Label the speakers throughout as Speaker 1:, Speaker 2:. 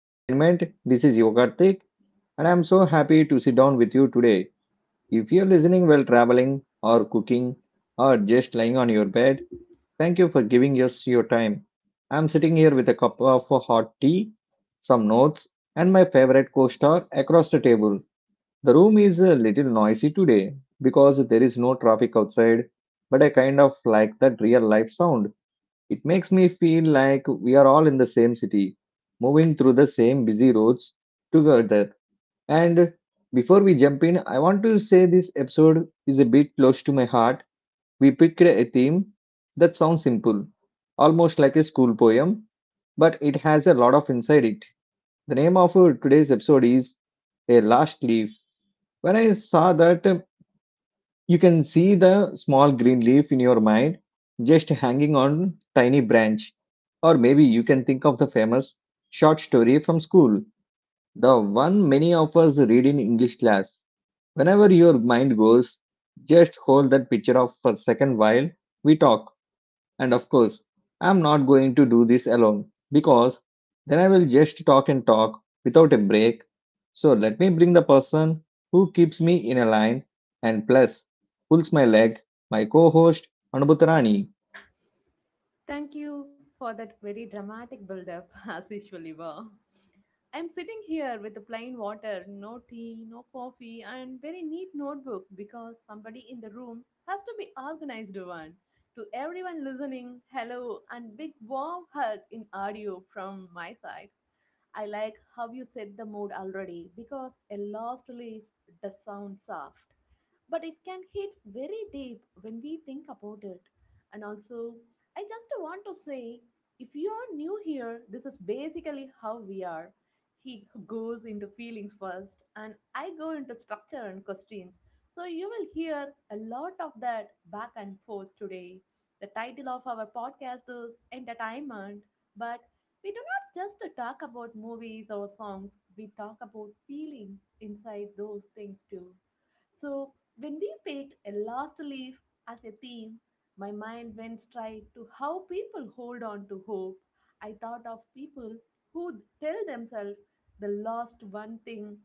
Speaker 1: Entertainment. This is Yogartik and I'm so happy to sit down with you today. If you're listening while traveling or cooking or just lying on your bed, thank you for giving us your time. I'm sitting here with a cup of hot tea, some notes, and my favorite co-star across the table. The room is a little noisy today because there is no traffic outside, but I kind of like that real life sound it makes me feel like we are all in the same city, moving through the same busy roads together. And before we jump in, I want to say this episode is a bit close to my heart. We picked a theme that sounds simple, almost like a school poem, but it has a lot of inside it. The name of today's episode is A Last Leaf. When I saw that you can see the small green leaf in your mind just hanging on tiny branch. Or maybe you can think of the famous short story from school, the one many of us read in English class. Whenever your mind goes, just hold that picture off for a second while we talk. And of course, I'm not going to do this alone because then I will just talk and talk without a break. So let me bring the person who keeps me in a line and plus pulls my leg, my co host Anubhut.
Speaker 2: Thank you for that very dramatic build-up, as usually were. I'm sitting here with the plain water, no tea, no coffee, and very neat notebook because somebody in the room has to be organized one. To everyone listening, hello and big warm hug in audio from my side. I like how you set the mood already because a lost leaf does sound soft, but it can hit very deep when we think about it. And also, I just want to say if you are new here, this is basically how we are. He goes into feelings first, and I go into structure and questions. So, you will hear a lot of that back and forth today. The title of our podcast is Entertainment, but we do not just talk about movies or songs, we talk about feelings inside those things too. So, when we picked a last leaf as a theme, my mind went straight to how people hold on to hope. I thought of people who tell themselves the last one thing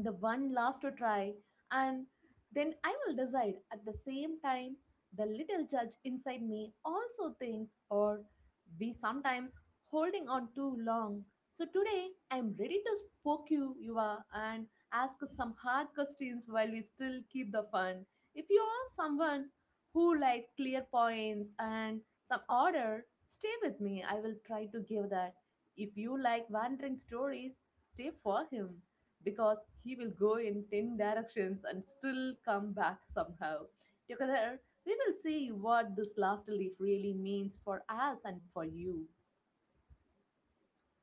Speaker 2: the one last to try, and then I will decide. At the same time, the little judge inside me also thinks, or we sometimes holding on too long. So today, I'm ready to poke you, Yuva, and ask some hard questions while we still keep the fun. If you are someone who likes clear points and some order, stay with me. I will try to give that. If you like wandering stories, stay for him because he will go in 10 directions and still come back somehow. Together, we will see what this last leaf really means for us and for you.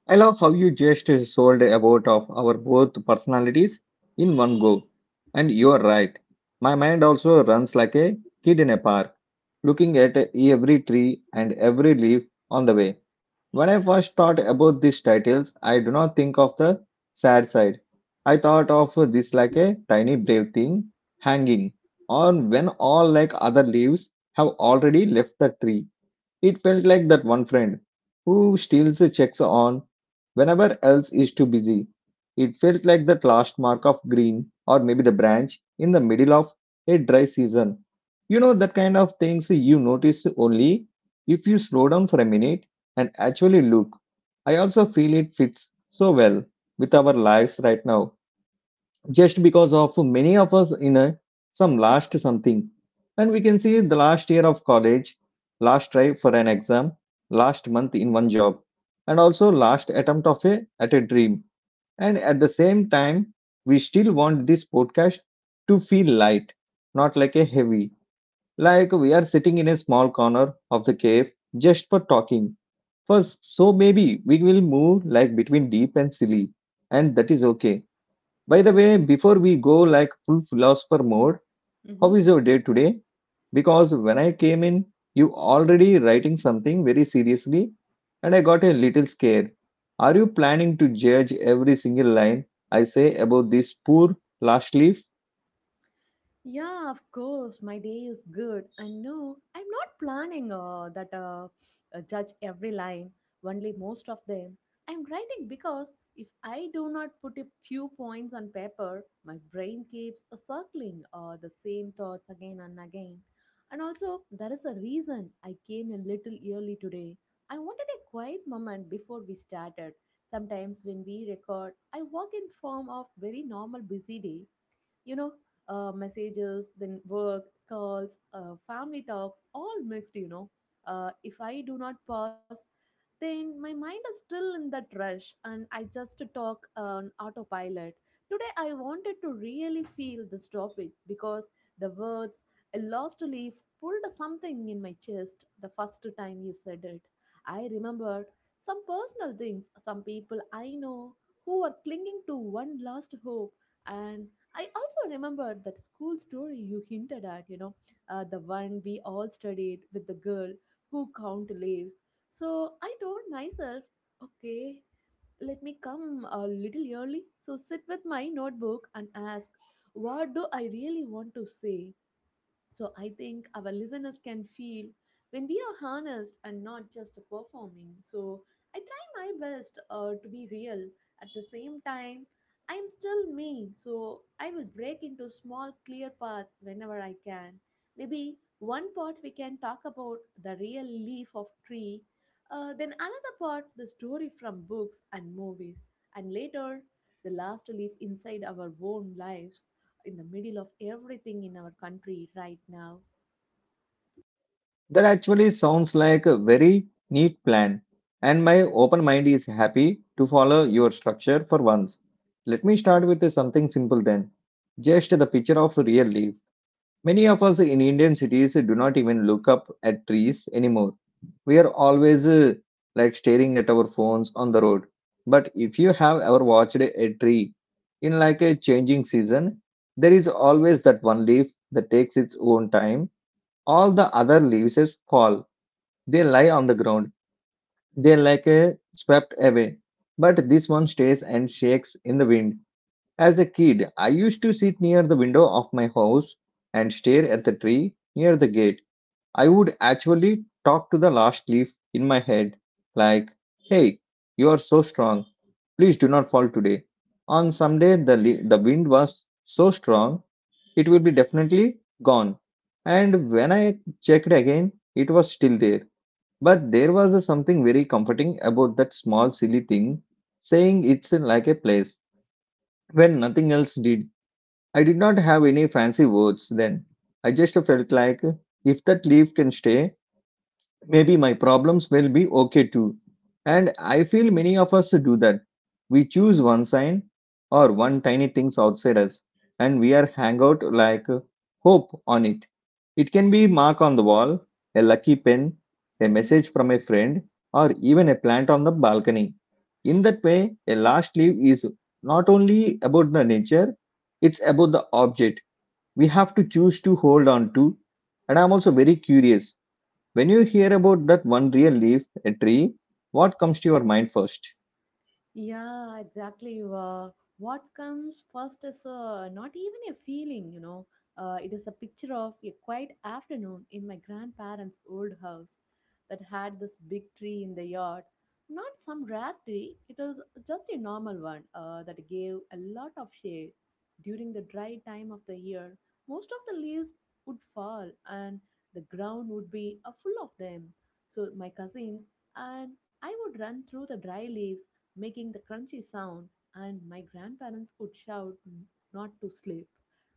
Speaker 1: I love how you just sold about of our both personalities in one go. And you are right. My mind also runs like a kid in a park, looking at every tree and every leaf on the way. When I first thought about these titles, I do not think of the sad side. I thought of this like a tiny brave thing hanging on when all like other leaves have already left the tree. It felt like that one friend who steals the checks on whenever else is too busy. It felt like that last mark of green or maybe the branch in the middle of a dry season. You know, that kind of things you notice only if you slow down for a minute and actually look. I also feel it fits so well with our lives right now just because of many of us in a, some last something and we can see the last year of college, last try for an exam, last month in one job, and also last attempt of a at a dream. And at the same time we still want this podcast to feel light, not like a heavy, like we are sitting in a small corner of the cave just for talking first. So maybe we will move like between deep and silly, and that is okay. By the way, before we go like full philosopher mode, how is your day today? Because when I came in, you already writing something very seriously and I got a little scared. Are you planning to judge every single line I say about this poor last leaf?
Speaker 2: Yeah, of course. My day is good. And no, I'm not planning that judge every line, only most of them. I'm writing because if I do not put a few points on paper, my brain keeps circling the same thoughts again and again. And also, there is a reason I came a little early today. I wanted a quiet moment before we started. Sometimes when we record, I work in form of very normal busy day you know, messages, then work, calls, family talks, all mixed, you know. If I do not pause, then my mind is still in that rush and I just talk on autopilot. Today, I wanted to really feel this topic because the words, a lost leaf, pulled something in my chest the first time you said it. I remembered some personal things, some people I know who were clinging to one last hope, and I also remember that school story you hinted at, you know, the one we all studied with the girl who count leaves. So I told myself, okay, let me come a little early. So sit with my notebook and ask, what do I really want to say? So I think our listeners can feel when we are harnessed and not just performing. So I try my best to be real. At the same time, I am still me. So I will break into small, clear parts whenever I can. Maybe one part we can talk about the real leaf of tree. Then another part, the story from books and movies. And later, the last leaf inside our own lives in the middle of everything in our country right now.
Speaker 1: That actually sounds like a very neat plan, and my open mind is happy to follow your structure for once. Let me start with something simple then. Just the picture of a real leaf. Many of us in Indian cities do not even look up at trees anymore. We are always like staring at our phones on the road. But if you have ever watched a tree in like a changing season, there is always that one leaf that takes its own time. All the other leaves fall. They lie on the ground. They are like swept away. But this one stays and shakes in the wind. As a kid, I used to sit near the window of my house and stare at the tree near the gate. I would actually talk to the last leaf in my head, like, hey, you are so strong. Please do not fall today. On some day, the wind was so strong, it will be definitely gone. And when I checked again, it was still there. But there was a something very comforting about that small, silly thing, saying it's like a place when nothing else did. I did not have any fancy words then. I just felt like if that leaf can stay, maybe my problems will be okay too. And I feel many of us do that. We choose one sign or one tiny things outside us and we are hang out like hope on it. It can be mark on the wall, a lucky pen, a
Speaker 2: Mhm.
Speaker 1: message from a friend, or even a plant on the balcony. In that way, a last leaf is not only about the nature, it's about the object we have to choose to hold on to. And I'm also very curious when you hear about that one real leaf, a tree, what comes to your mind first?
Speaker 2: Yeah, exactly. What comes first is not even a feeling, you know. It is a picture of a quiet afternoon in my grandparents' old house that had this big tree in the yard. Not some rare tree, it was just a normal one that gave a lot of shade. During the dry time of the year, most of the leaves would fall and the ground would be full of them. So my cousins and I would run through the dry leaves making the crunchy sound, and my grandparents would shout not to sleep.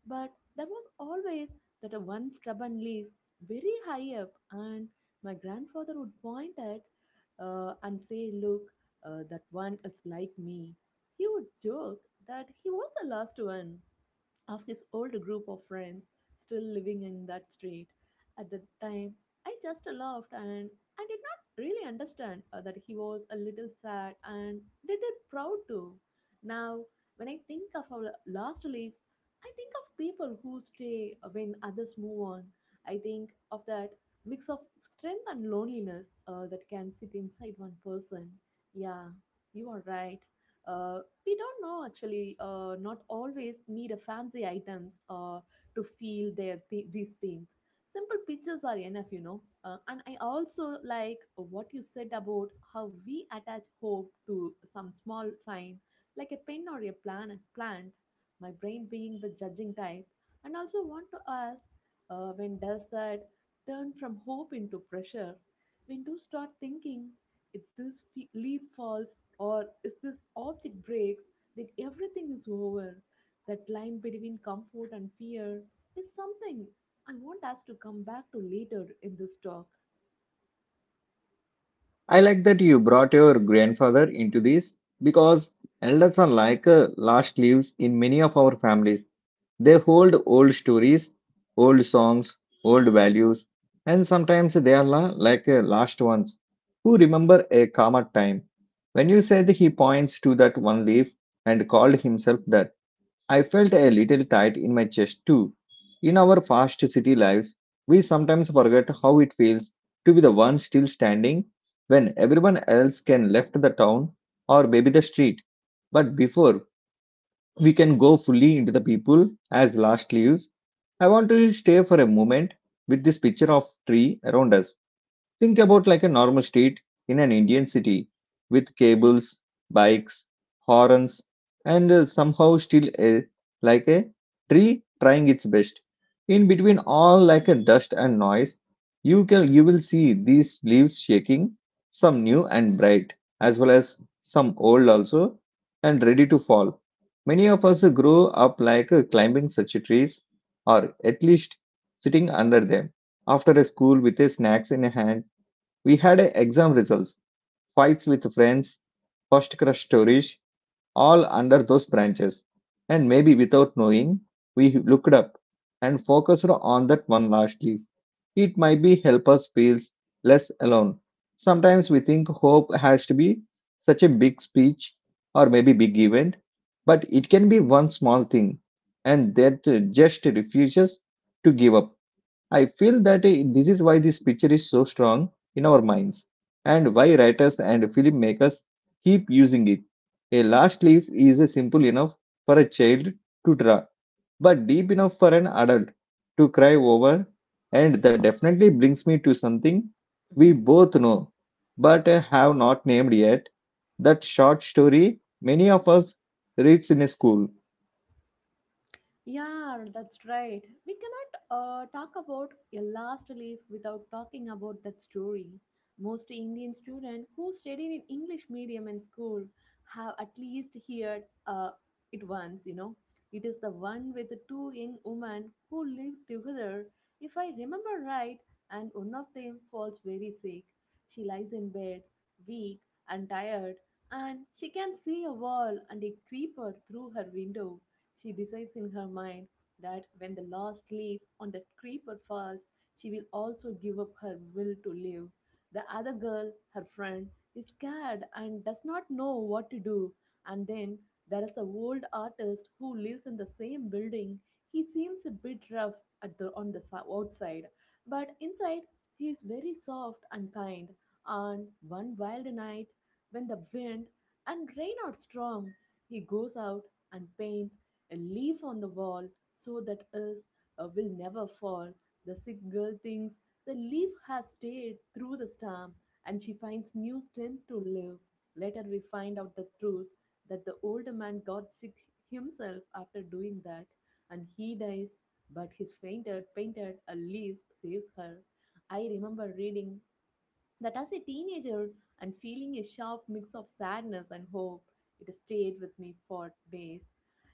Speaker 2: But there was always that a one stubborn leaf very high up, and my grandfather would point at and say, Look, that one is like me. He would joke that he was the last one, of his old group of friends still living in that street. At the time, I just laughed and I did not really understand that he was a little sad and did it proud too. Now, when I think of our last leaf, I think of people who stay when others move on. I think of that mix of strength and loneliness that can sit inside one person. Yeah, you are right. Uh, we don't know actually not always need a fancy items to feel their these things simple pictures are enough you know and I also like what you said about how we attach hope to some small sign like a pen or a plant my brain being the judging type and also want to ask when does that turn from hope into pressure when do start thinking if this leaf falls or if this object breaks, then everything is over. That line between comfort and fear is something I want us to come back to later in this talk.
Speaker 1: I like that you brought your grandfather into this because elders are like last leaves in many of our families. They hold old stories, old songs, old values, and sometimes they are like last ones who remember a calmer time. When you said he points to that one leaf and called himself that, I felt a little tight in my chest too. In our fast city lives, we sometimes forget how it feels to be the one still standing when everyone else can left the town or maybe the street. But before we can go fully into the people as last leaves, I want to stay for a moment with this picture of tree around us. Think about like a normal street in an Indian city with cables, bikes, horns, and somehow still a, like a tree trying its best. In between all like a dust and noise, you will see these leaves shaking, some new and bright, as well as some old also, and ready to fall. Many of us grow up like climbing such trees, or at least sitting under them after a school with a snacks in a hand we had a exam results, fights with friends, first crush stories, all under those branches. And maybe without knowing, we looked up and focused on that one last leaf. It might be help us feel less alone. Sometimes we think hope has to be such a big speech or maybe big event, but it can be one small thing, and that just refuses to give up. I feel that this is why this picture is so strong in our minds and why writers and filmmakers keep using it. A last leaf is simple enough for a child to draw, but deep enough for an adult to cry over, and that definitely brings me to something we both know but have not named yet, that short story many of us reads in school.
Speaker 2: Yeah, that's right. We cannot talk about a last leaf without talking about that story. Most Indian students who studied in English medium in school have at least heard it once, you know. It is the one with the two young women who lived together, if I remember right, and one of them falls very sick. She lies in bed, weak and tired, and she can see a wall and a creeper through her window. She decides in her mind that when the last leaf on that creeper falls, she will also give up her will to live. The other girl, her friend, is scared and does not know what to do. And then there is the old artist who lives in the same building. He seems a bit rough at the, on the outside, but inside he is very soft and kind. On one wild night, when the wind and rain are strong, he goes out and paints a leaf on the wall so that is will never fall. The sick girl thinks the leaf has stayed through the storm and she finds new strength to live. Later, we find out the truth that the older man got sick himself after doing that and he dies, but his fainted, painted a leaves saves her. I remember reading that as a teenager and feeling a sharp mix of sadness and hope, it stayed with me for days.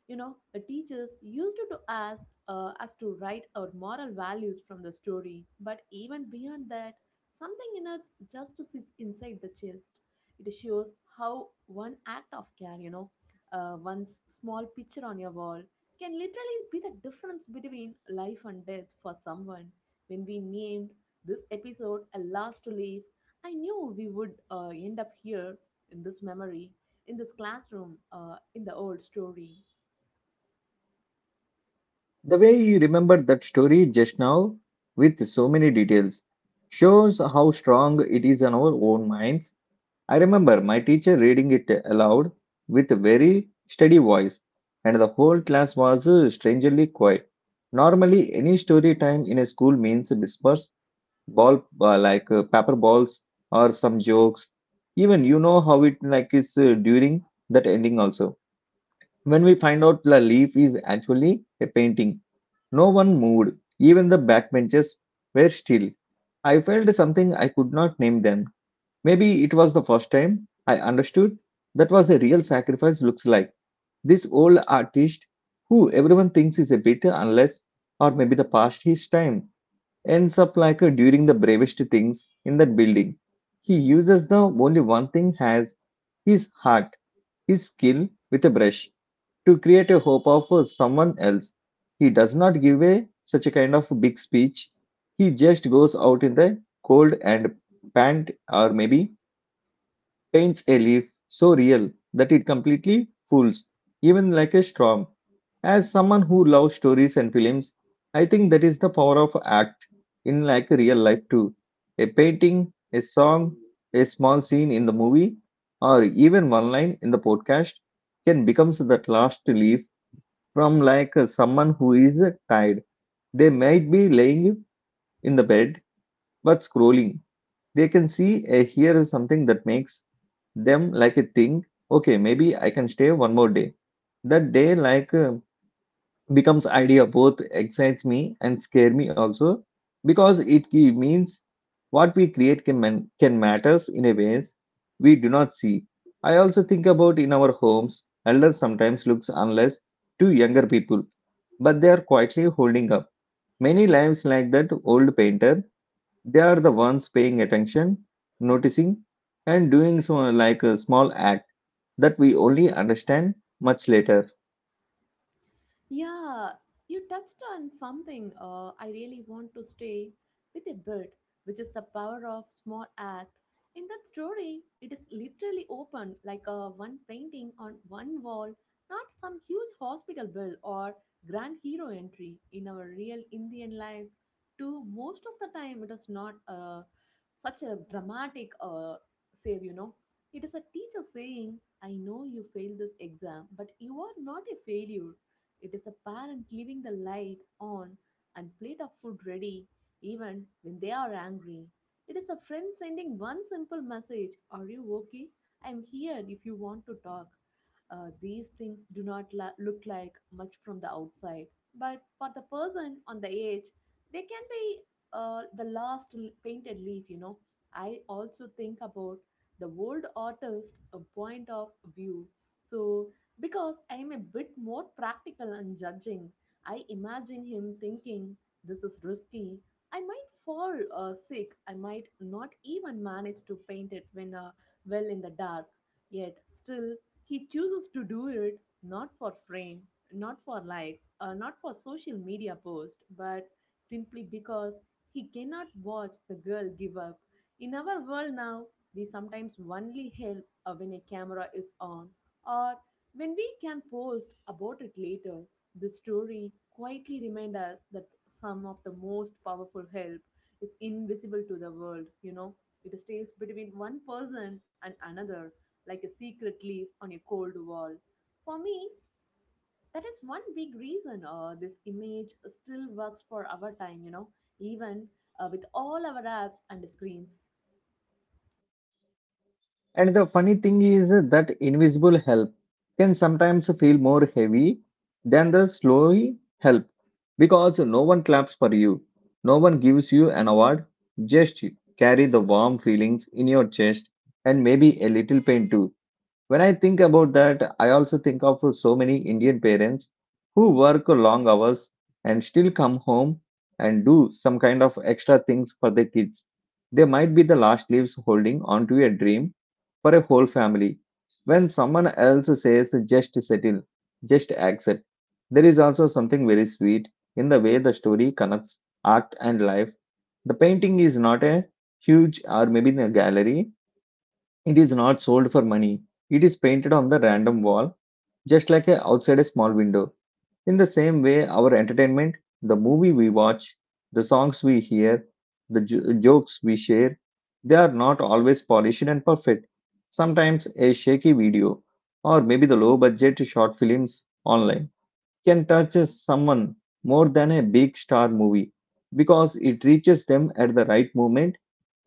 Speaker 2: You know, the teachers used to ask us to write our moral values from the story, but even beyond that, something in us just sits inside the chest. It shows how one act of care, you know, one small picture on your wall can literally be the difference between life and death for someone. When we named this episode a last to leave I knew we would end up here in this memory, in this classroom, in the old story.
Speaker 1: The way you remembered that story just now with so many details shows how strong it is in our own minds. I remember my teacher reading it aloud with a very steady voice, and the whole class was strangely quiet. Normally, any story time in a school means whispers, ball like paper balls, or some jokes. Even you know how it like is during that ending also. When we find out the leaf is actually a painting, no one moved. Even the backbenches were still. I felt something I could not name them. Maybe it was the first time I understood that was a real sacrifice looks like. This old artist, who everyone thinks is a bit unless or maybe the past his time, ends up like a during the bravest things in that building. He
Speaker 2: Hmm.
Speaker 1: uses the only one thing has his heart, his skill with a brush to create a hope of someone else. He does not give a such a kind of big speech. He just goes out in the cold and pant or maybe paints a leaf so real that it completely fools, even like a storm. As someone who loves stories and films, I think that is the power of act in like real life too. A painting, a song, a small scene in the movie, or even one line in the podcast can becomes that last leaf from like someone who is tired. They might be laying in the bed but scrolling. They can see here is something that makes them like a think, okay, maybe I can stay one more day. That day like becomes idea both excites me and scare me also because it means what we create can matters in a ways we do not see. I also think about in our homes, elders sometimes looks unless to younger people, but they are quietly holding up. Many lives like that old painter, they are the ones paying attention, noticing, and doing so like a small act that we only understand much later.
Speaker 2: Yeah, you touched on something I really want to stay with a bit, which is the power of small act. In that story, it is literally open like a one painting on one wall, not some huge hospital bill or grand hero entry in our real Indian lives. To most of the time, it is not such a dramatic save, you know. It is a teacher saying, I know you failed this exam, but you are not a failure it is a parent leaving the light on and plate of food ready even when they are angry. It is a friend sending one simple message Are you okay? I am here if you want to talk. These things do not look like much from the outside, but for the person on the edge, they can be the last painted leaf, you know. I also think about the old artist a point of view. So because I am a bit more practical and judging, I imagine him thinking, This is risky. I might fall sick. I might not even manage to paint it when well in the dark. Yet, still, he chooses to do it not for fame, not for likes, or not for social media post, but simply because he cannot watch the girl give up. In our world now, we sometimes only help when a camera is on or when we can post about it later, the story quietly reminds us that some of the most powerful help is invisible to the world, you know. It stays between one person and another, like a secret leaf on a cold wall. For me, that is one big reason this image still works for our time, you know, even with all our apps and screens.
Speaker 1: And the funny thing is that invisible help can sometimes feel more heavy than the slow help. Because no one claps for you, no one gives you an award, just carry the warm feelings in your chest and maybe a little pain too. When I think about that, I also think of so many Indian parents who work long hours and still come home and do some kind of extra things for their kids. They might be the last leaves holding onto a dream for a whole family. When someone else says, just settle, just accept, there is also something very sweet in the way the story connects art and life. The painting is not a huge or maybe in a gallery, it is not sold for money. It is painted on the random wall, just like a, outside a small window. In the same way, our entertainment, the movie we watch, the songs we hear, the jokes we share, they are not always polished and perfect. Sometimes a shaky video or maybe the low budget short films online can touch someone more than a big star movie because it reaches them at the right moment,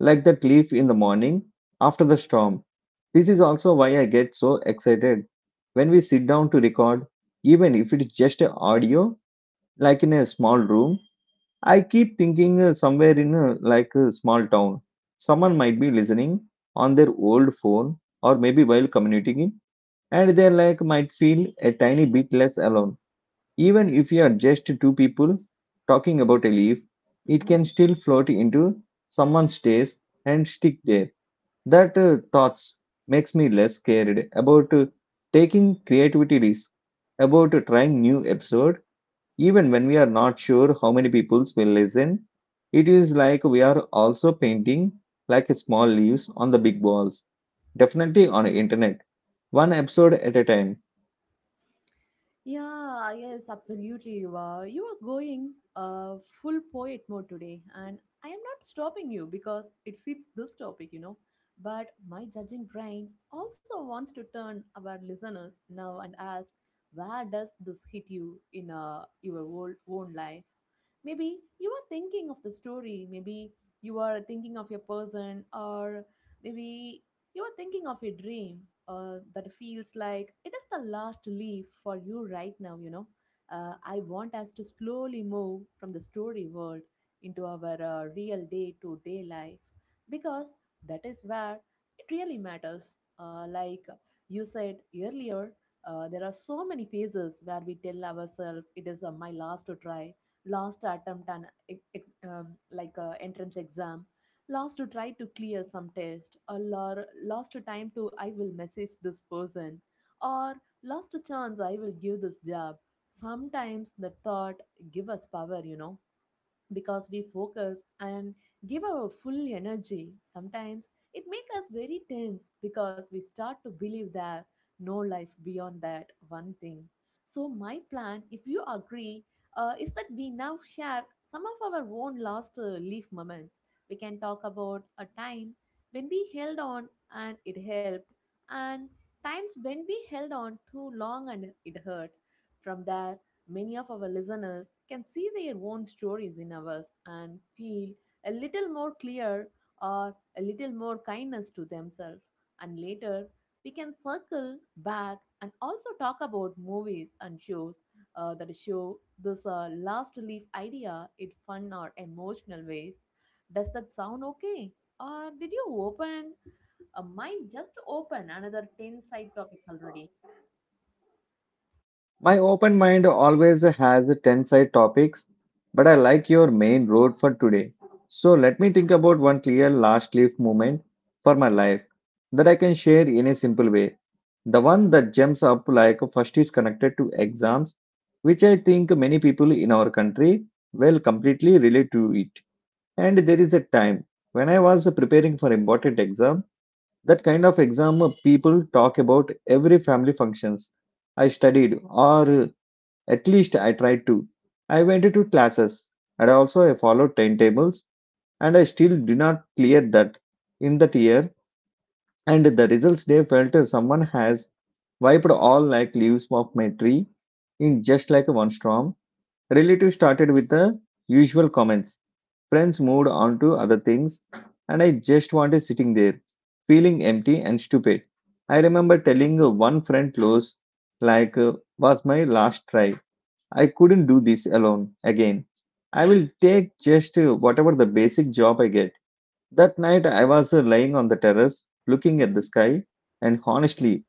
Speaker 1: like that leaf in the morning after the storm. This is also why I get so excited when we sit down to record, even if it's just a audio, like in a small room. I keep thinking somewhere in a, like a small town, someone might be listening on their old phone or maybe while communicating, and they like might feel a tiny bit less alone. Even if you are just two people talking about a leaf, it can still float into someone's taste and stick there. That thoughts makes me less scared about taking creativity risk, about trying new episode, even when we are not sure how many people will listen. It is like we are also painting like small leaves on the big walls. Definitely on internet, one episode at a time.
Speaker 2: Yeah, yes, absolutely. You are. You are going full poet mode today, and I am not stopping you because it fits this topic, you know. But my judging brain also wants to turn our listeners now and ask, where does this hit you in your old, own life? Maybe you are thinking of the story. Maybe you are thinking of your person, or maybe you're thinking of a dream that feels like it is the last leaf for you right now, you know. I want us to slowly move from the story world into our real day to day life because that is where it really matters. Like you said earlier, there are so many phases where we tell ourselves it is my last try, last attempt, and like entrance exam lost to try to clear some test, or lost to time to I will message this person, or lost a chance I will give this job. Sometimes the thought give us power, you know because we focus and give our full energy. Sometimes it makes us very tense because we start to believe there no life beyond that one thing. So my plan, if you agree, is that we now share some of our own lost leaf moments. We can talk about a time when we held on and it helped, and times when we held on too long and it hurt. From there, many of our listeners can see their own stories in ours and feel a little more clear or a little more kindness to themselves. And later, we can circle back and also talk about movies and shows that show this last leaf idea in fun or emotional ways. Does that sound okay? Or did you open a mind just to open another 10 side topics already?
Speaker 1: My open mind always has 10 side topics, but I like your main road for today. So let me think about one clear last leaf moment for my life that I can share in a simple way. The one that jumps up like first is connected to exams, which I think many people in our country will completely relate to it. And there is a time when I was preparing for important exam, that kind of exam people talk about every family functions. I studied or at least I tried to. I went to classes and also I followed timetables and I still did not clear that in that year, and the results day felt as someone has wiped all like leaves off my tree in just like one storm. Relatives started with the usual comments. Friends moved on to other things, and I just wanted sitting there, feeling empty and stupid. I remember telling one friend close, like, was my last try. I couldn't do this alone again. I will take just whatever the basic job I get. That night, I was lying on the terrace, looking at the
Speaker 2: Mm-hmm.
Speaker 1: sky, and honestly,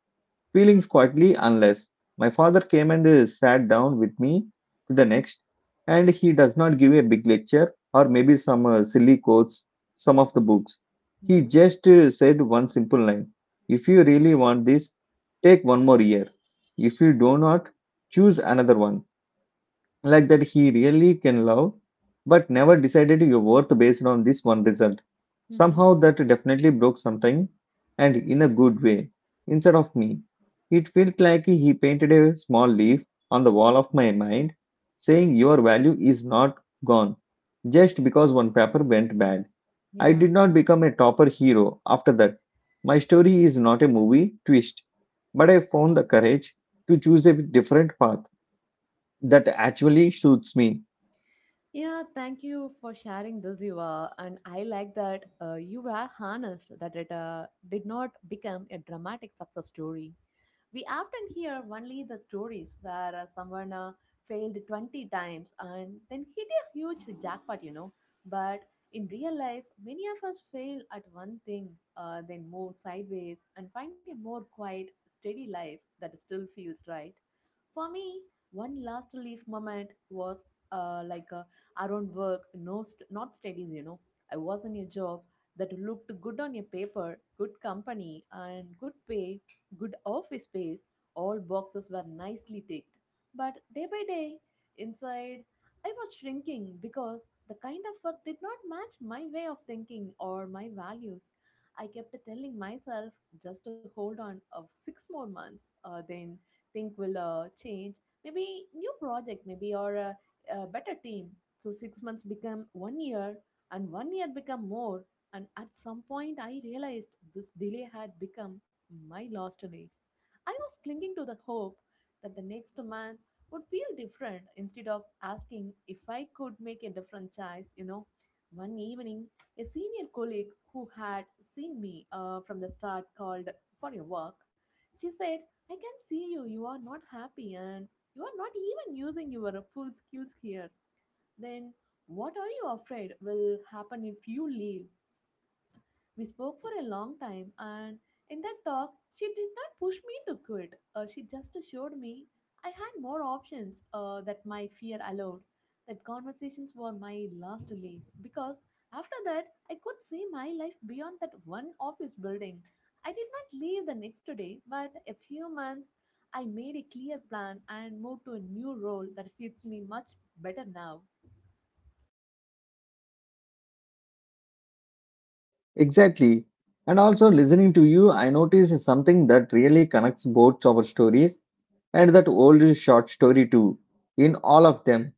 Speaker 1: feeling quietly unless my father came and sat down with me to the next, and he does not give a big lecture or maybe some silly quotes, some of the books. He
Speaker 2: Mm-hmm.
Speaker 1: just said one simple line. If you really want this, take one more year. If you do not, choose another one like that he really can love, but never decided your worth based on this one result.
Speaker 2: Mm-hmm.
Speaker 1: Somehow that definitely broke sometime and in a good way. Instead of me, it felt like he painted a small leaf on the wall of my mind saying your value is not gone just because one paper went bad. I
Speaker 2: Yeah.
Speaker 1: did not become a topper hero after that. My story is not a movie twist, but I found the courage to choose a different path that actually suits me.
Speaker 2: Yeah, thank you for sharing this, Yuva. And I like that you were honest that it did not become a dramatic success story. We often hear only the stories where someone failed 20 times and then hit a huge jackpot, you know. But in real life, many of us fail at one thing, then move sideways and find a more quiet, steady life that still feels right. For me, one last relief moment was like around work, no not studies, you know. I was in a job that looked good on a paper, good company, and good pay, good office space, all boxes were nicely ticked. But day by day, inside, I was shrinking because the kind of work did not match my way of thinking or my values. I kept telling myself just to hold on of six more months, then think will change. Maybe new project, maybe a better team. So 6 months become 1 year, and 1 year become more. And at some point, I realized this delay had become my lost leaf. I was clinging to the hope that the next man would feel different instead of asking if I could make a different choice. You know, one evening, a senior colleague who had seen me from the start called for your work. She said, I can see you, you are not happy and you are not even using your full skills here. Then what are you afraid will happen if you leave? We spoke for a long time, and in that talk, she did not push me to quit. She just assured me I had more options that my fear allowed. That conversations were my last leaf because after that, I could see my life beyond that one office building. I did not leave the next day, but a few months I made a clear plan and moved to a new role that fits me much better now.
Speaker 1: Exactly. And also listening to you, I noticed something that really connects both our stories and that old short story too. In all of them,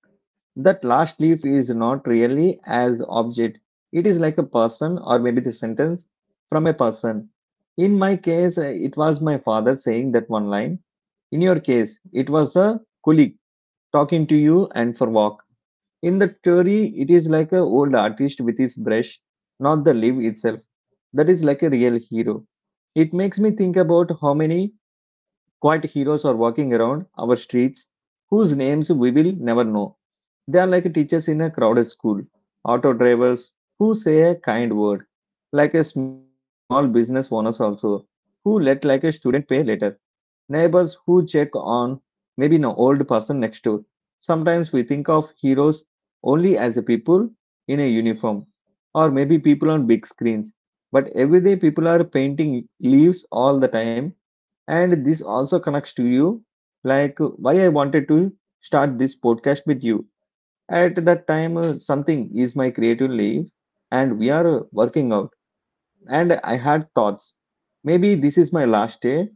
Speaker 1: that last leaf is not really as object. It is like a person or maybe the sentence from a person. In my case, it was my father saying that one line. In your case, it was a colleague talking to you and for walk. In the story, it is like a old artist with his brush, not the leaf itself that is like a real hero. It makes me think about how many quiet heroes are walking around our streets whose names we will never know. They are like teachers in a crowded school, auto drivers who say a kind word, like a small business owners also, who let like a student pay later, neighbors who check on maybe an old person next door. Sometimes we think of heroes only as a people in a uniform or maybe people on big screens. But everyday people are painting leaves all the time. And this also connects to you, like why I wanted to start this podcast with you. At that time, something is my creative leaf, and we are working out. And I had thoughts maybe this is my last day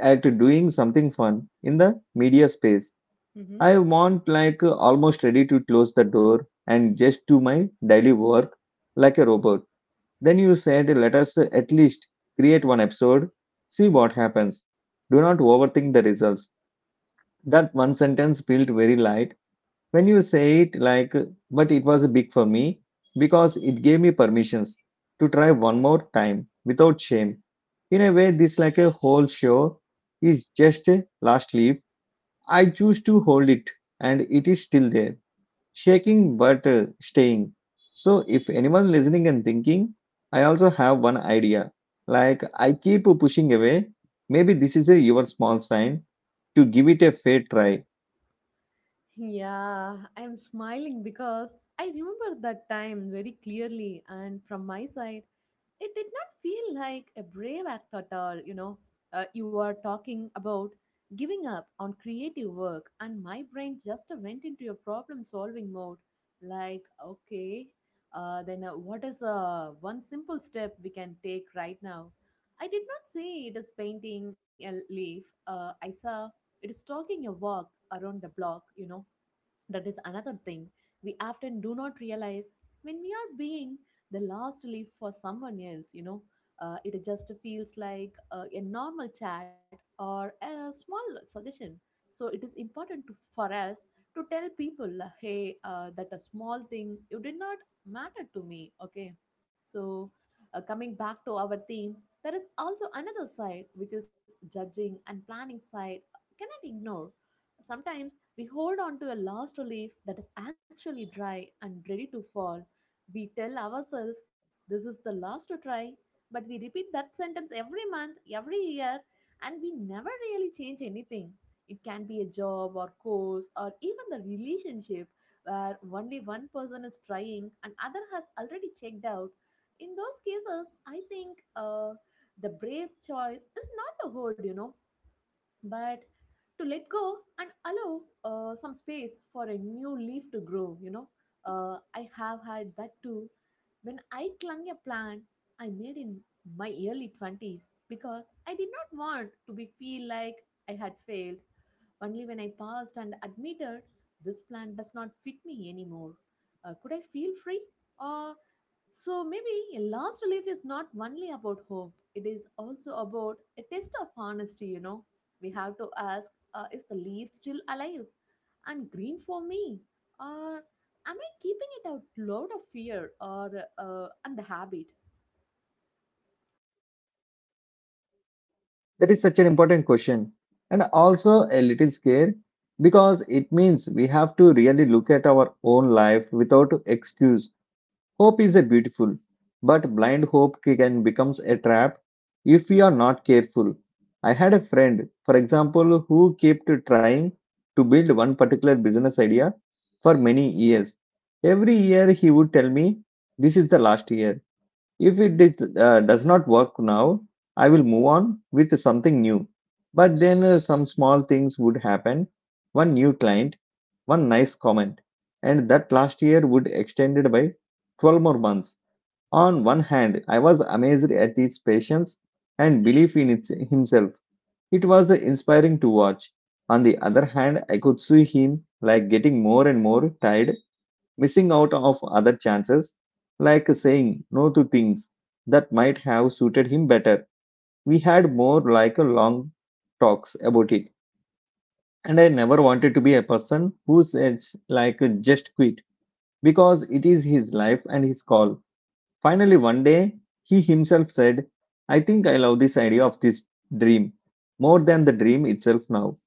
Speaker 1: at doing something fun in the media space.
Speaker 2: Mm-hmm.
Speaker 1: I want like almost ready to close the door and just do my daily work like a robot. Then you said, let us at least create one episode, see what happens. Do not overthink the results. That one sentence felt very light when you say it like, but it was big for me because it gave me permissions to try one more time without shame. In a way, this like a whole show is just a last leaf I choose to hold it, and it is still there, shaking but staying. So, if anyone listening and thinking, I also have one idea. Like I keep pushing away. Maybe this is a your small sign to give it a fair try.
Speaker 2: Yeah, I'm smiling because I remember that time very clearly, and from my side, it did not feel like a brave act at all. You know, you are talking about giving up on creative work, and my brain just went into a problem solving mode. Like, okay, then what is one simple step we can take right now? I did not say it is painting a leaf. I saw it is talking a walk around the block, you know that is another thing we often do not realize when we are being the last leaf for someone else, you know. It just feels like a normal chat or a small suggestion. So it is important to, for us to tell people, hey, that a small thing, you did not matter to me, okay? So coming back to our theme, there is also another side, which is judging and planning side, cannot ignore sometimes we hold on to a last leaf that is actually dry and ready to fall. We tell ourselves, this is the last to try, but we repeat that sentence every month, every year, and we never really change anything. It can be a job or course or even the relationship where only one person is trying and other has already checked out. In those cases, I think the brave choice is not a hold, you know but to let go and allow some space for a new leaf to grow you know I have had that too when I clung a plan, I made in my early 20s because I did not want to be feel like I had failed only when I passed and admitted this plan does not fit me anymore could I feel free or so maybe a last relief is not only about hope, it is also about a test of honesty, you know. We have to ask is the leaf still alive and green for me? Or am I keeping it out loud of fear or and the habit?
Speaker 1: That is such an important question, and also a little scare because it means we have to really look at our own life without excuse. Hope is a beautiful, but blind hope can become a trap if we are not careful. I had a friend, for example, who kept trying to build one particular business idea for many years. Every year he would tell me, this is the last year. If it did, does not work now, I will move on with something new. But then some small things would happen, one new client, one nice comment, and that last year would extended by 12 more months. On one hand, I was amazed at his patience and belief in its, himself. It was inspiring to watch. On the other hand, I could see him like getting more and more tired missing out of other chances, like saying no to things that might have suited him better. We had more like a long talks about it, and I never wanted to be a person who says like just quit because it is his life and his call. Finally, one day, he himself said, I think I love this idea of this dream more than the dream itself now,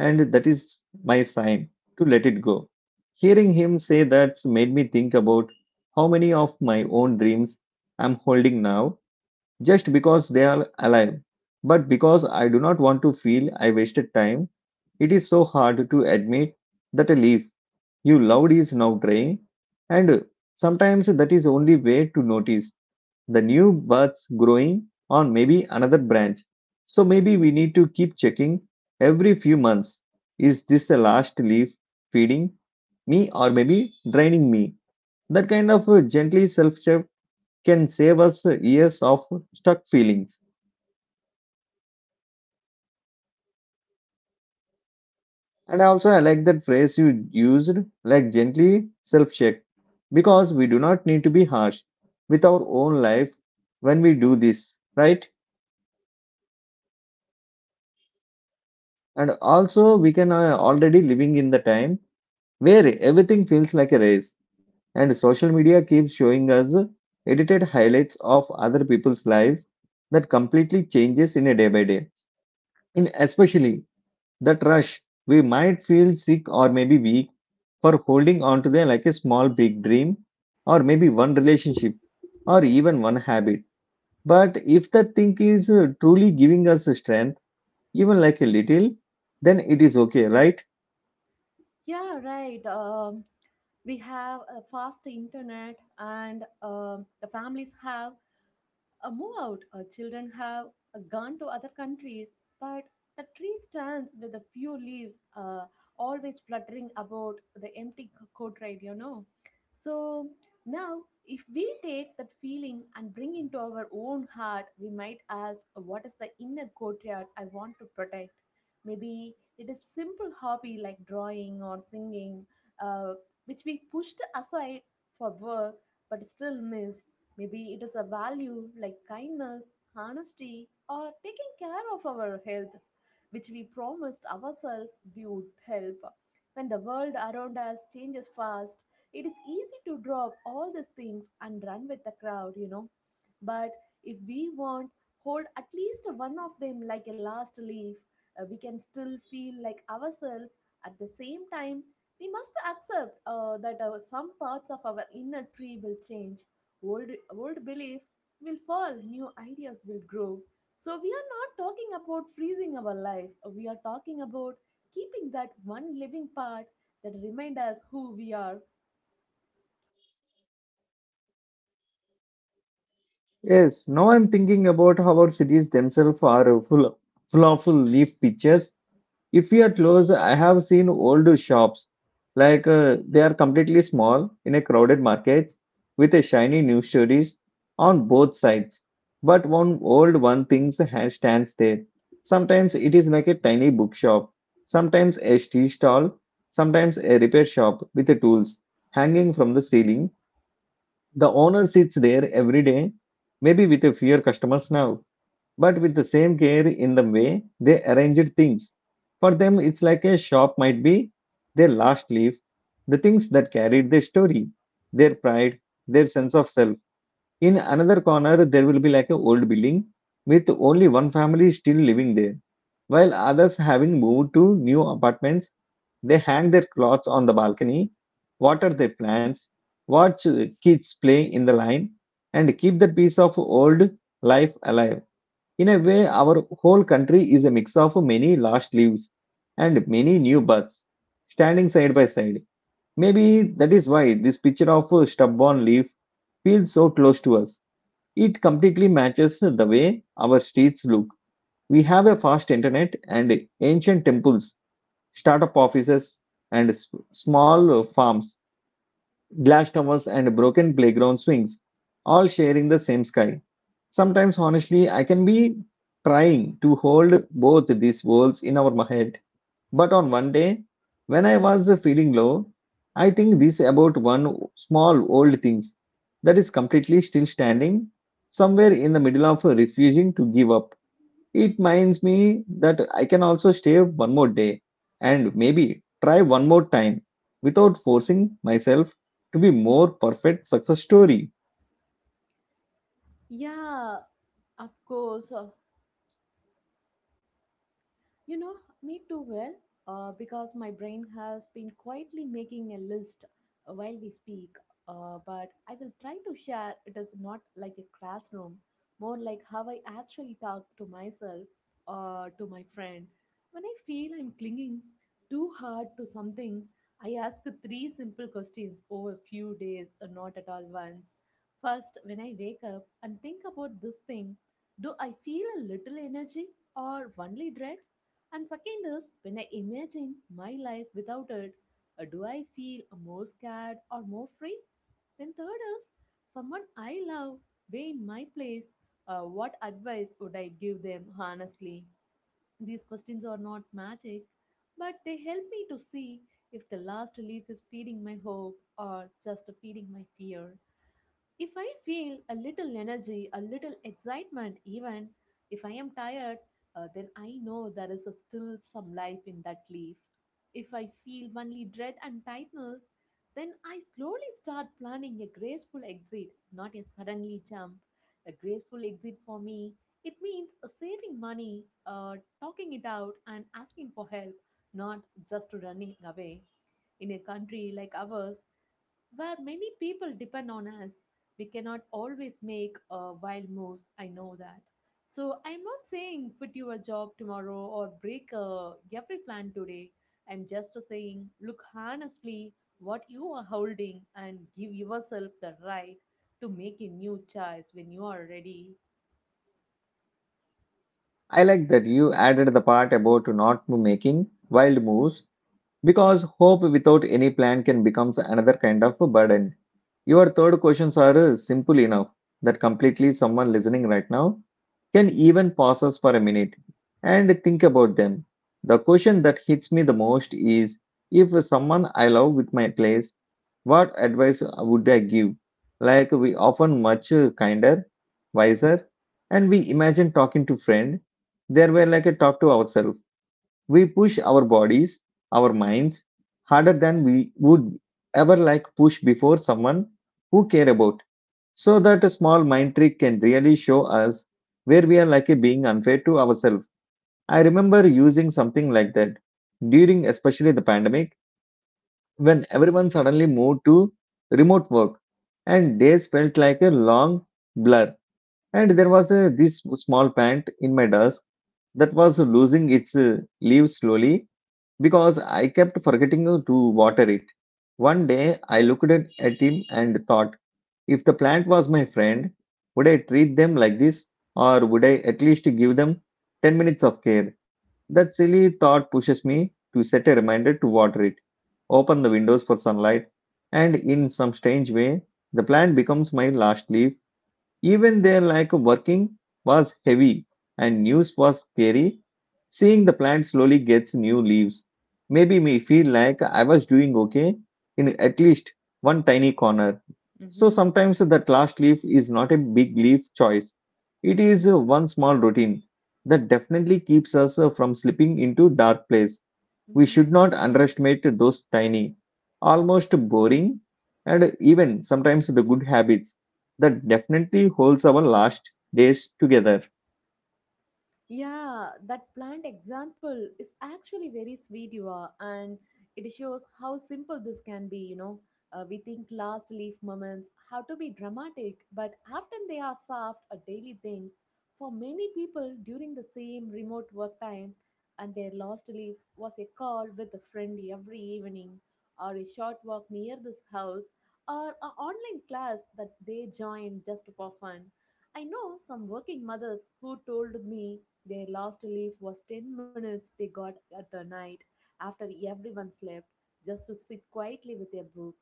Speaker 1: and that is my sign to let it go. Hearing him say that made me think about how many of my own dreams I'm holding now just because they are alive. But because I do not want to feel I wasted time, it is so hard to admit that a leaf you loved is now drying, and sometimes that is only way to notice the new buds growing on maybe another branch. So maybe we need to keep checking every few months. Is this the last leaf feeding me or maybe draining me? That kind of gently self check can save us years of stuck feelings. And also, I like that phrase you used, like gently self check, because we do not need to be harsh with our own life when we do this, right? And also, we can already living in the time where everything feels like a race, and social media keeps showing us edited highlights of other people's lives that completely changes in a day by day. In especially that rush, we might feel sick or maybe weak for holding on to them like a small big dream, or maybe one relationship, or even one habit. But if that thing is truly giving us strength, even like a little, then it is okay, right?
Speaker 2: Yeah, right. We have a fast internet, and the families have a move out, children have gone to other countries, but the tree stands with a few leaves, always fluttering about the empty courtyard, you know. So now, if we take that feeling and bring into our own heart, we might ask, what is the inner courtyard I want to protect? Maybe it is simple hobby like drawing or singing, uh, which we pushed aside for work but still miss. Maybe it is a value like kindness, honesty, or taking care of our health, which we promised ourselves we would help. When the world around us changes fast, it is easy to drop all these things and run with the crowd, you know. But if we want, hold at least one of them like a last leaf, we can still feel like ourselves. At the same time, we must accept that some parts of our inner tree will change. Old, old belief will fall, new ideas will grow. So, we are not talking about freezing our life, we are talking about keeping that one living part that remind us who we are.
Speaker 1: Yes, now I'm thinking about how our cities themselves are full, full of leaf pictures. If we are close, I have seen old shops like they are completely small in a crowded market with a shiny news stories on both sides. But one old one things stands there. Sometimes it is like a tiny bookshop, sometimes a tea stall, sometimes a repair shop with the tools hanging from the ceiling the owner sits there every day, maybe with a fewer customers now, but with the same care in the way they arranged things. For them, it's like a shop might be their last leaf, the things that carried their story, their pride, their sense of self. In another corner, there will be like an old building with only one family still living there, while others having moved to new apartments they hang their clothes on the balcony, water their plants, watch kids play in the line, and keep that piece of old life alive. In a way, our whole country is a mix of many lost leaves and many new buds standing side by side. Maybe that is why this picture of a stubborn leaf feels so close to us. It completely matches the way our streets look. We have a fast internet and ancient temples startup offices, and small farms, glass towers, and broken playground swings, all sharing the same sky. Sometimes, honestly, I can be trying to hold both these worlds in our head. But on one day, when I was feeling low, I think this about one small old thing that is completely still standing somewhere in the middle of refusing to give up. It reminds me that I can also stay one more day and maybe try one more time without forcing myself to be more perfect success story.
Speaker 2: Yeah, of course. You know, me too well, because my brain has been quietly making a list while we speak. But I will try to share it is not like a classroom, more like how I actually talk to myself or to my friend. When I feel I'm clinging too hard to something, I ask three simple questions over a few days, not at all once. First, when I wake up and think about this thing, do I feel a little energy or only dread? And second is when I imagine my life without it, do I feel more scared or more free? Then third is someone I love way in my place. What advice would I give them honestly? These questions are not magic, but they help me to see if the last leaf is feeding my hope or just feeding my fear. If I feel a little energy, a little excitement, even if I am tired, then I know there is a still some life in that leaf. If I feel only dread and tightness, then I slowly start planning a graceful exit, not a suddenly jump. A graceful exit for me, it means saving money, talking it out, and asking for help, not just running away. In a country like ours, where many people depend on us. We cannot always make wild moves, I know that. So I'm not saying quit your job tomorrow or break every plan today. I'm just saying look honestly what you are holding and give yourself the right to make a new choice when you are ready.
Speaker 1: I like that you added the part about not making wild moves because hope without any plan can becomes another kind of a burden. Your third questions are simple enough that completely someone listening right now can even pause us for a minute and think about them. The question that hits me the most is if someone I love with my place, what advice would I give? Like we often much kinder, wiser, and we imagine talking to friend. There were like a talk to ourselves we push our bodies, our minds harder than we would ever like push before someone who care about. So that a small mind trick can really show us where we are like being unfair to ourselves. I remember using something like that during especially the pandemic when everyone suddenly moved to remote work and days felt like a long blur and there was a, this small pant in my desk that was losing its leaves slowly because I kept forgetting to water it. One day I looked at him and thought, if the plant was my friend, would I treat them like this or would I at least give them 10 minutes of care? That silly thought pushes me to set a reminder to water it, open the windows for sunlight, and in some strange way, the plant becomes my last leaf even their like working was heavy and news was scary. Seeing the plant slowly gets new leaves maybe me feel like I was doing okay in at least one tiny corner. So
Speaker 2: hmm
Speaker 1: sometimes that last leaf is not a big leaf choice. It is one small routine that definitely keeps us from slipping into dark place. We
Speaker 2: Mhm.
Speaker 1: should not underestimate those tiny, almost boring, and even sometimes the good habits that definitely holds our last days together.
Speaker 2: Yeah, that plant example is actually very sweet, you are, and it shows how simple this can be. We think last leaf moments have to be dramatic, but often they are soft or daily things for many people during the same remote work time. And their last leaf was a call with a friend every evening, or a short walk near this house, or an online class that they joined just for fun. I know some working mothers who told me their last leaf was 10 minutes they got at a night after everyone slept, just to sit quietly with their book.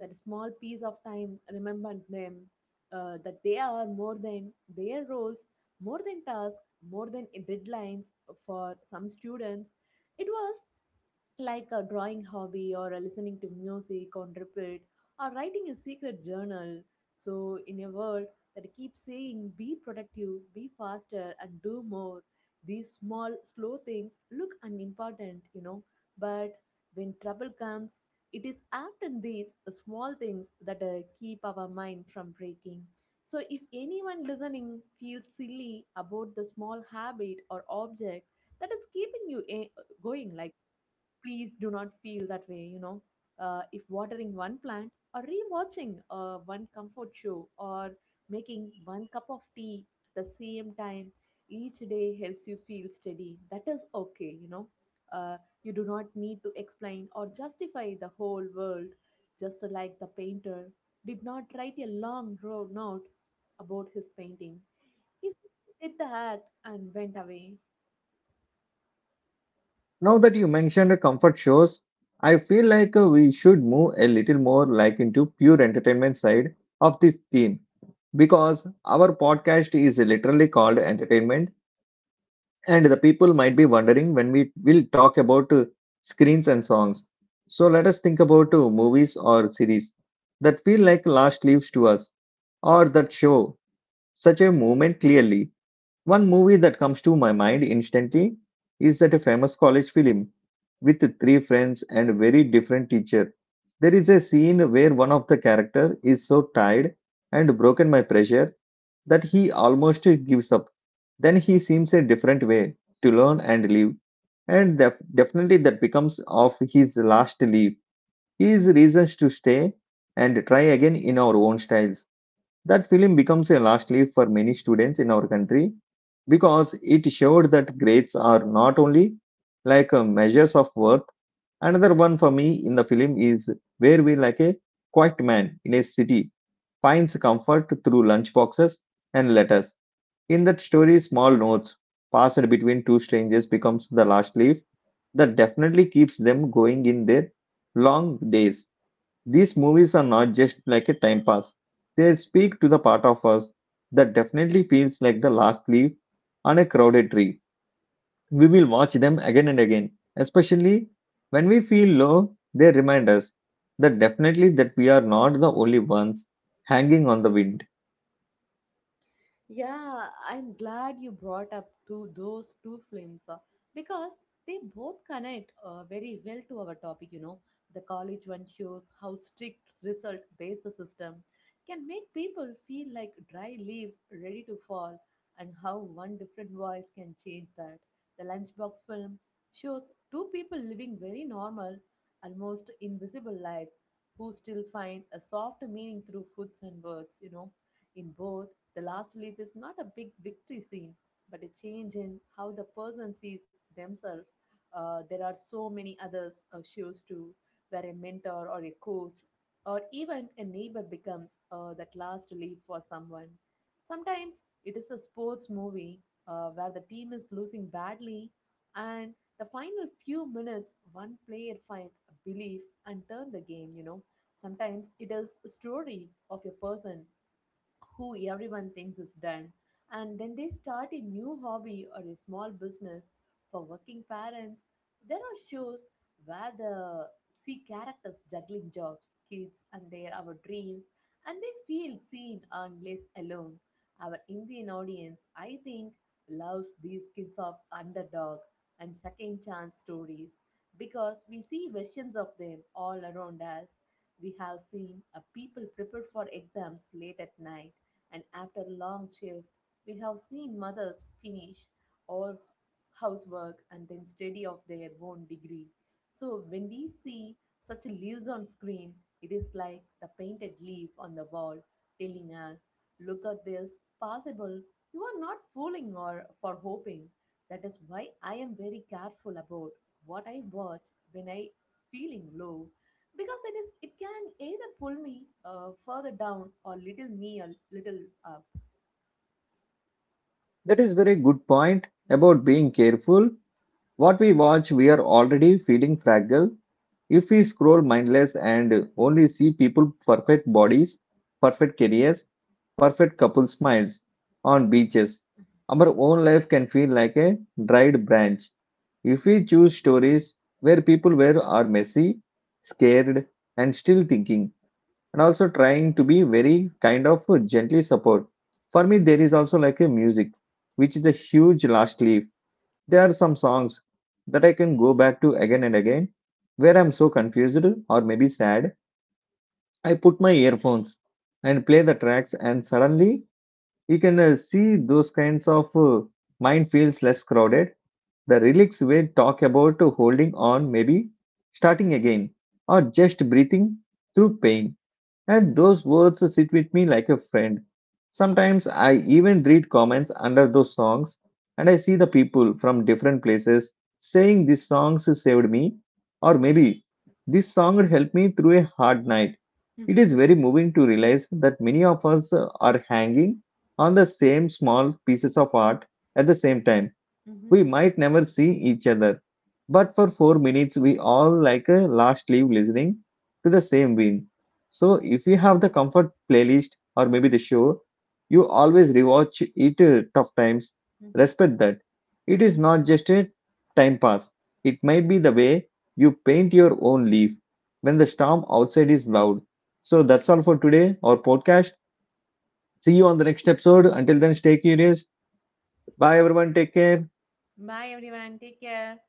Speaker 2: That small piece of time remembered them that they are more than their roles, more than tasks, more than deadlines for some students. It was like a drawing hobby or a listening to music on repeat or writing a secret journal. So, in a world that keeps saying be productive, be faster, and do more, these small, slow things look unimportant. But when trouble comes, it is often these small things that keep our mind from breaking. So, if anyone listening feels silly about the small habit or object that is keeping you a going, like please do not feel that way. If watering one plant or rewatching one comfort show or making one cup of tea at the same time each day helps you feel steady that is okay uh, you do not need to explain or justify the whole world, just like the painter did not write a long road note about his painting. He did the act and went away.
Speaker 1: Now that you mentioned comfort shows, I feel like we should move a little more like into pure entertainment side of this theme because our podcast is literally called entertainment. And the people might be wondering when we will talk about screens and songs. So let us think about movies or series that feel like last leaves to us or that show such a moment clearly. One movie that comes to my mind instantly is that a famous college film with three friends and a very different teacher. There is a scene where one of the character is so tired and broken by pressure that he almost gives up. Then he seems a different way to learn and live, and definitely that becomes of his last leave. His reasons to stay and try again in our own styles. That film becomes a last leave for many students in our country because it showed that grades are not only like measures of worth. Another one for me in the film is where we like a quiet man in a city finds comfort through lunch boxes and letters. In that story, small notes passed between two strangers becomes the last leaf that definitely keeps them going in their long days. These movies are not just like a time pass. They speak to the part of us that definitely feels like the last leaf on a crowded tree. We will watch them again and again, especially when we feel low, they remind us that definitely that we are not the only ones hanging on the wind.
Speaker 2: Yeah, I'm glad you brought up to those two films because they both connect very well to our topic. The college one shows how strict result based the system can make people feel like dry leaves ready to fall, and how one different voice can change that. The lunchbox film shows two people living very normal, almost invisible lives who still find a soft meaning through foods and words. In both the last leaf is not a big victory scene, but a change in how the person sees themselves. There are so many others shows too, where a mentor or a coach or even a neighbor becomes that last leaf for someone. Sometimes it is a sports movie where the team is losing badly, and the final few minutes, one player finds a belief and turn the game. Sometimes it is a story of a person who everyone thinks is done, and then they start a new hobby or a small business for working parents. There are shows where the see characters juggling jobs, kids, and their our dreams, and they feel seen and less alone. Our Indian audience, I think, loves these kids of underdog and second chance stories because we see versions of them all around us. We have seen a people prepare for exams late at night and after a long shift. We have seen mothers finish all housework and then study of their own degree. So when we see such leaves on screen, it is like the painted leaf on the wall telling us, look at this, possible, you are not fooling or for hoping. That is why I am very careful about what I watch when I feeling low because it can either pull me further down or little me a little up.
Speaker 1: That is very good point about being careful what we watch, we are already feeling fragile. If we scroll mindless and only see people perfect bodies, perfect careers, perfect couple smiles on beaches, our own life can feel like a dried branch. If we choose stories where people were are messy, scared, and still thinking, and also trying to be very kind of gently support. For me, there is also like a music, which is a huge last leaf there are some songs that I can go back to again and again where I'm so confused or maybe sad. I put my earphones and play the tracks, and suddenly you can see those kinds of mind feels less crowded. The lyrics will talk about holding on, maybe starting again, or just breathing through pain and those words sit with me like a friend. Sometimes I even read comments under those songs and I see the people from different places saying these songs saved me or maybe this song helped me through a hard night. It
Speaker 2: Mm-hmm.
Speaker 1: is very moving to realize that many of us are hanging on the same small pieces of art at the same time
Speaker 2: Mm-hmm.
Speaker 1: we might never see each other, but for 4 minutes we all like a last leaf listening to the same wind. So if you have the comfort playlist or maybe the show, you always rewatch it tough times.
Speaker 2: Mm-hmm.
Speaker 1: Respect that. It is not just a time pass. It might be the way you paint your own leaf when the storm outside is loud. So that's all for today, our podcast. See you on the next episode. Until then, stay curious. Bye, everyone. Take care.
Speaker 2: Bye everyone, take care.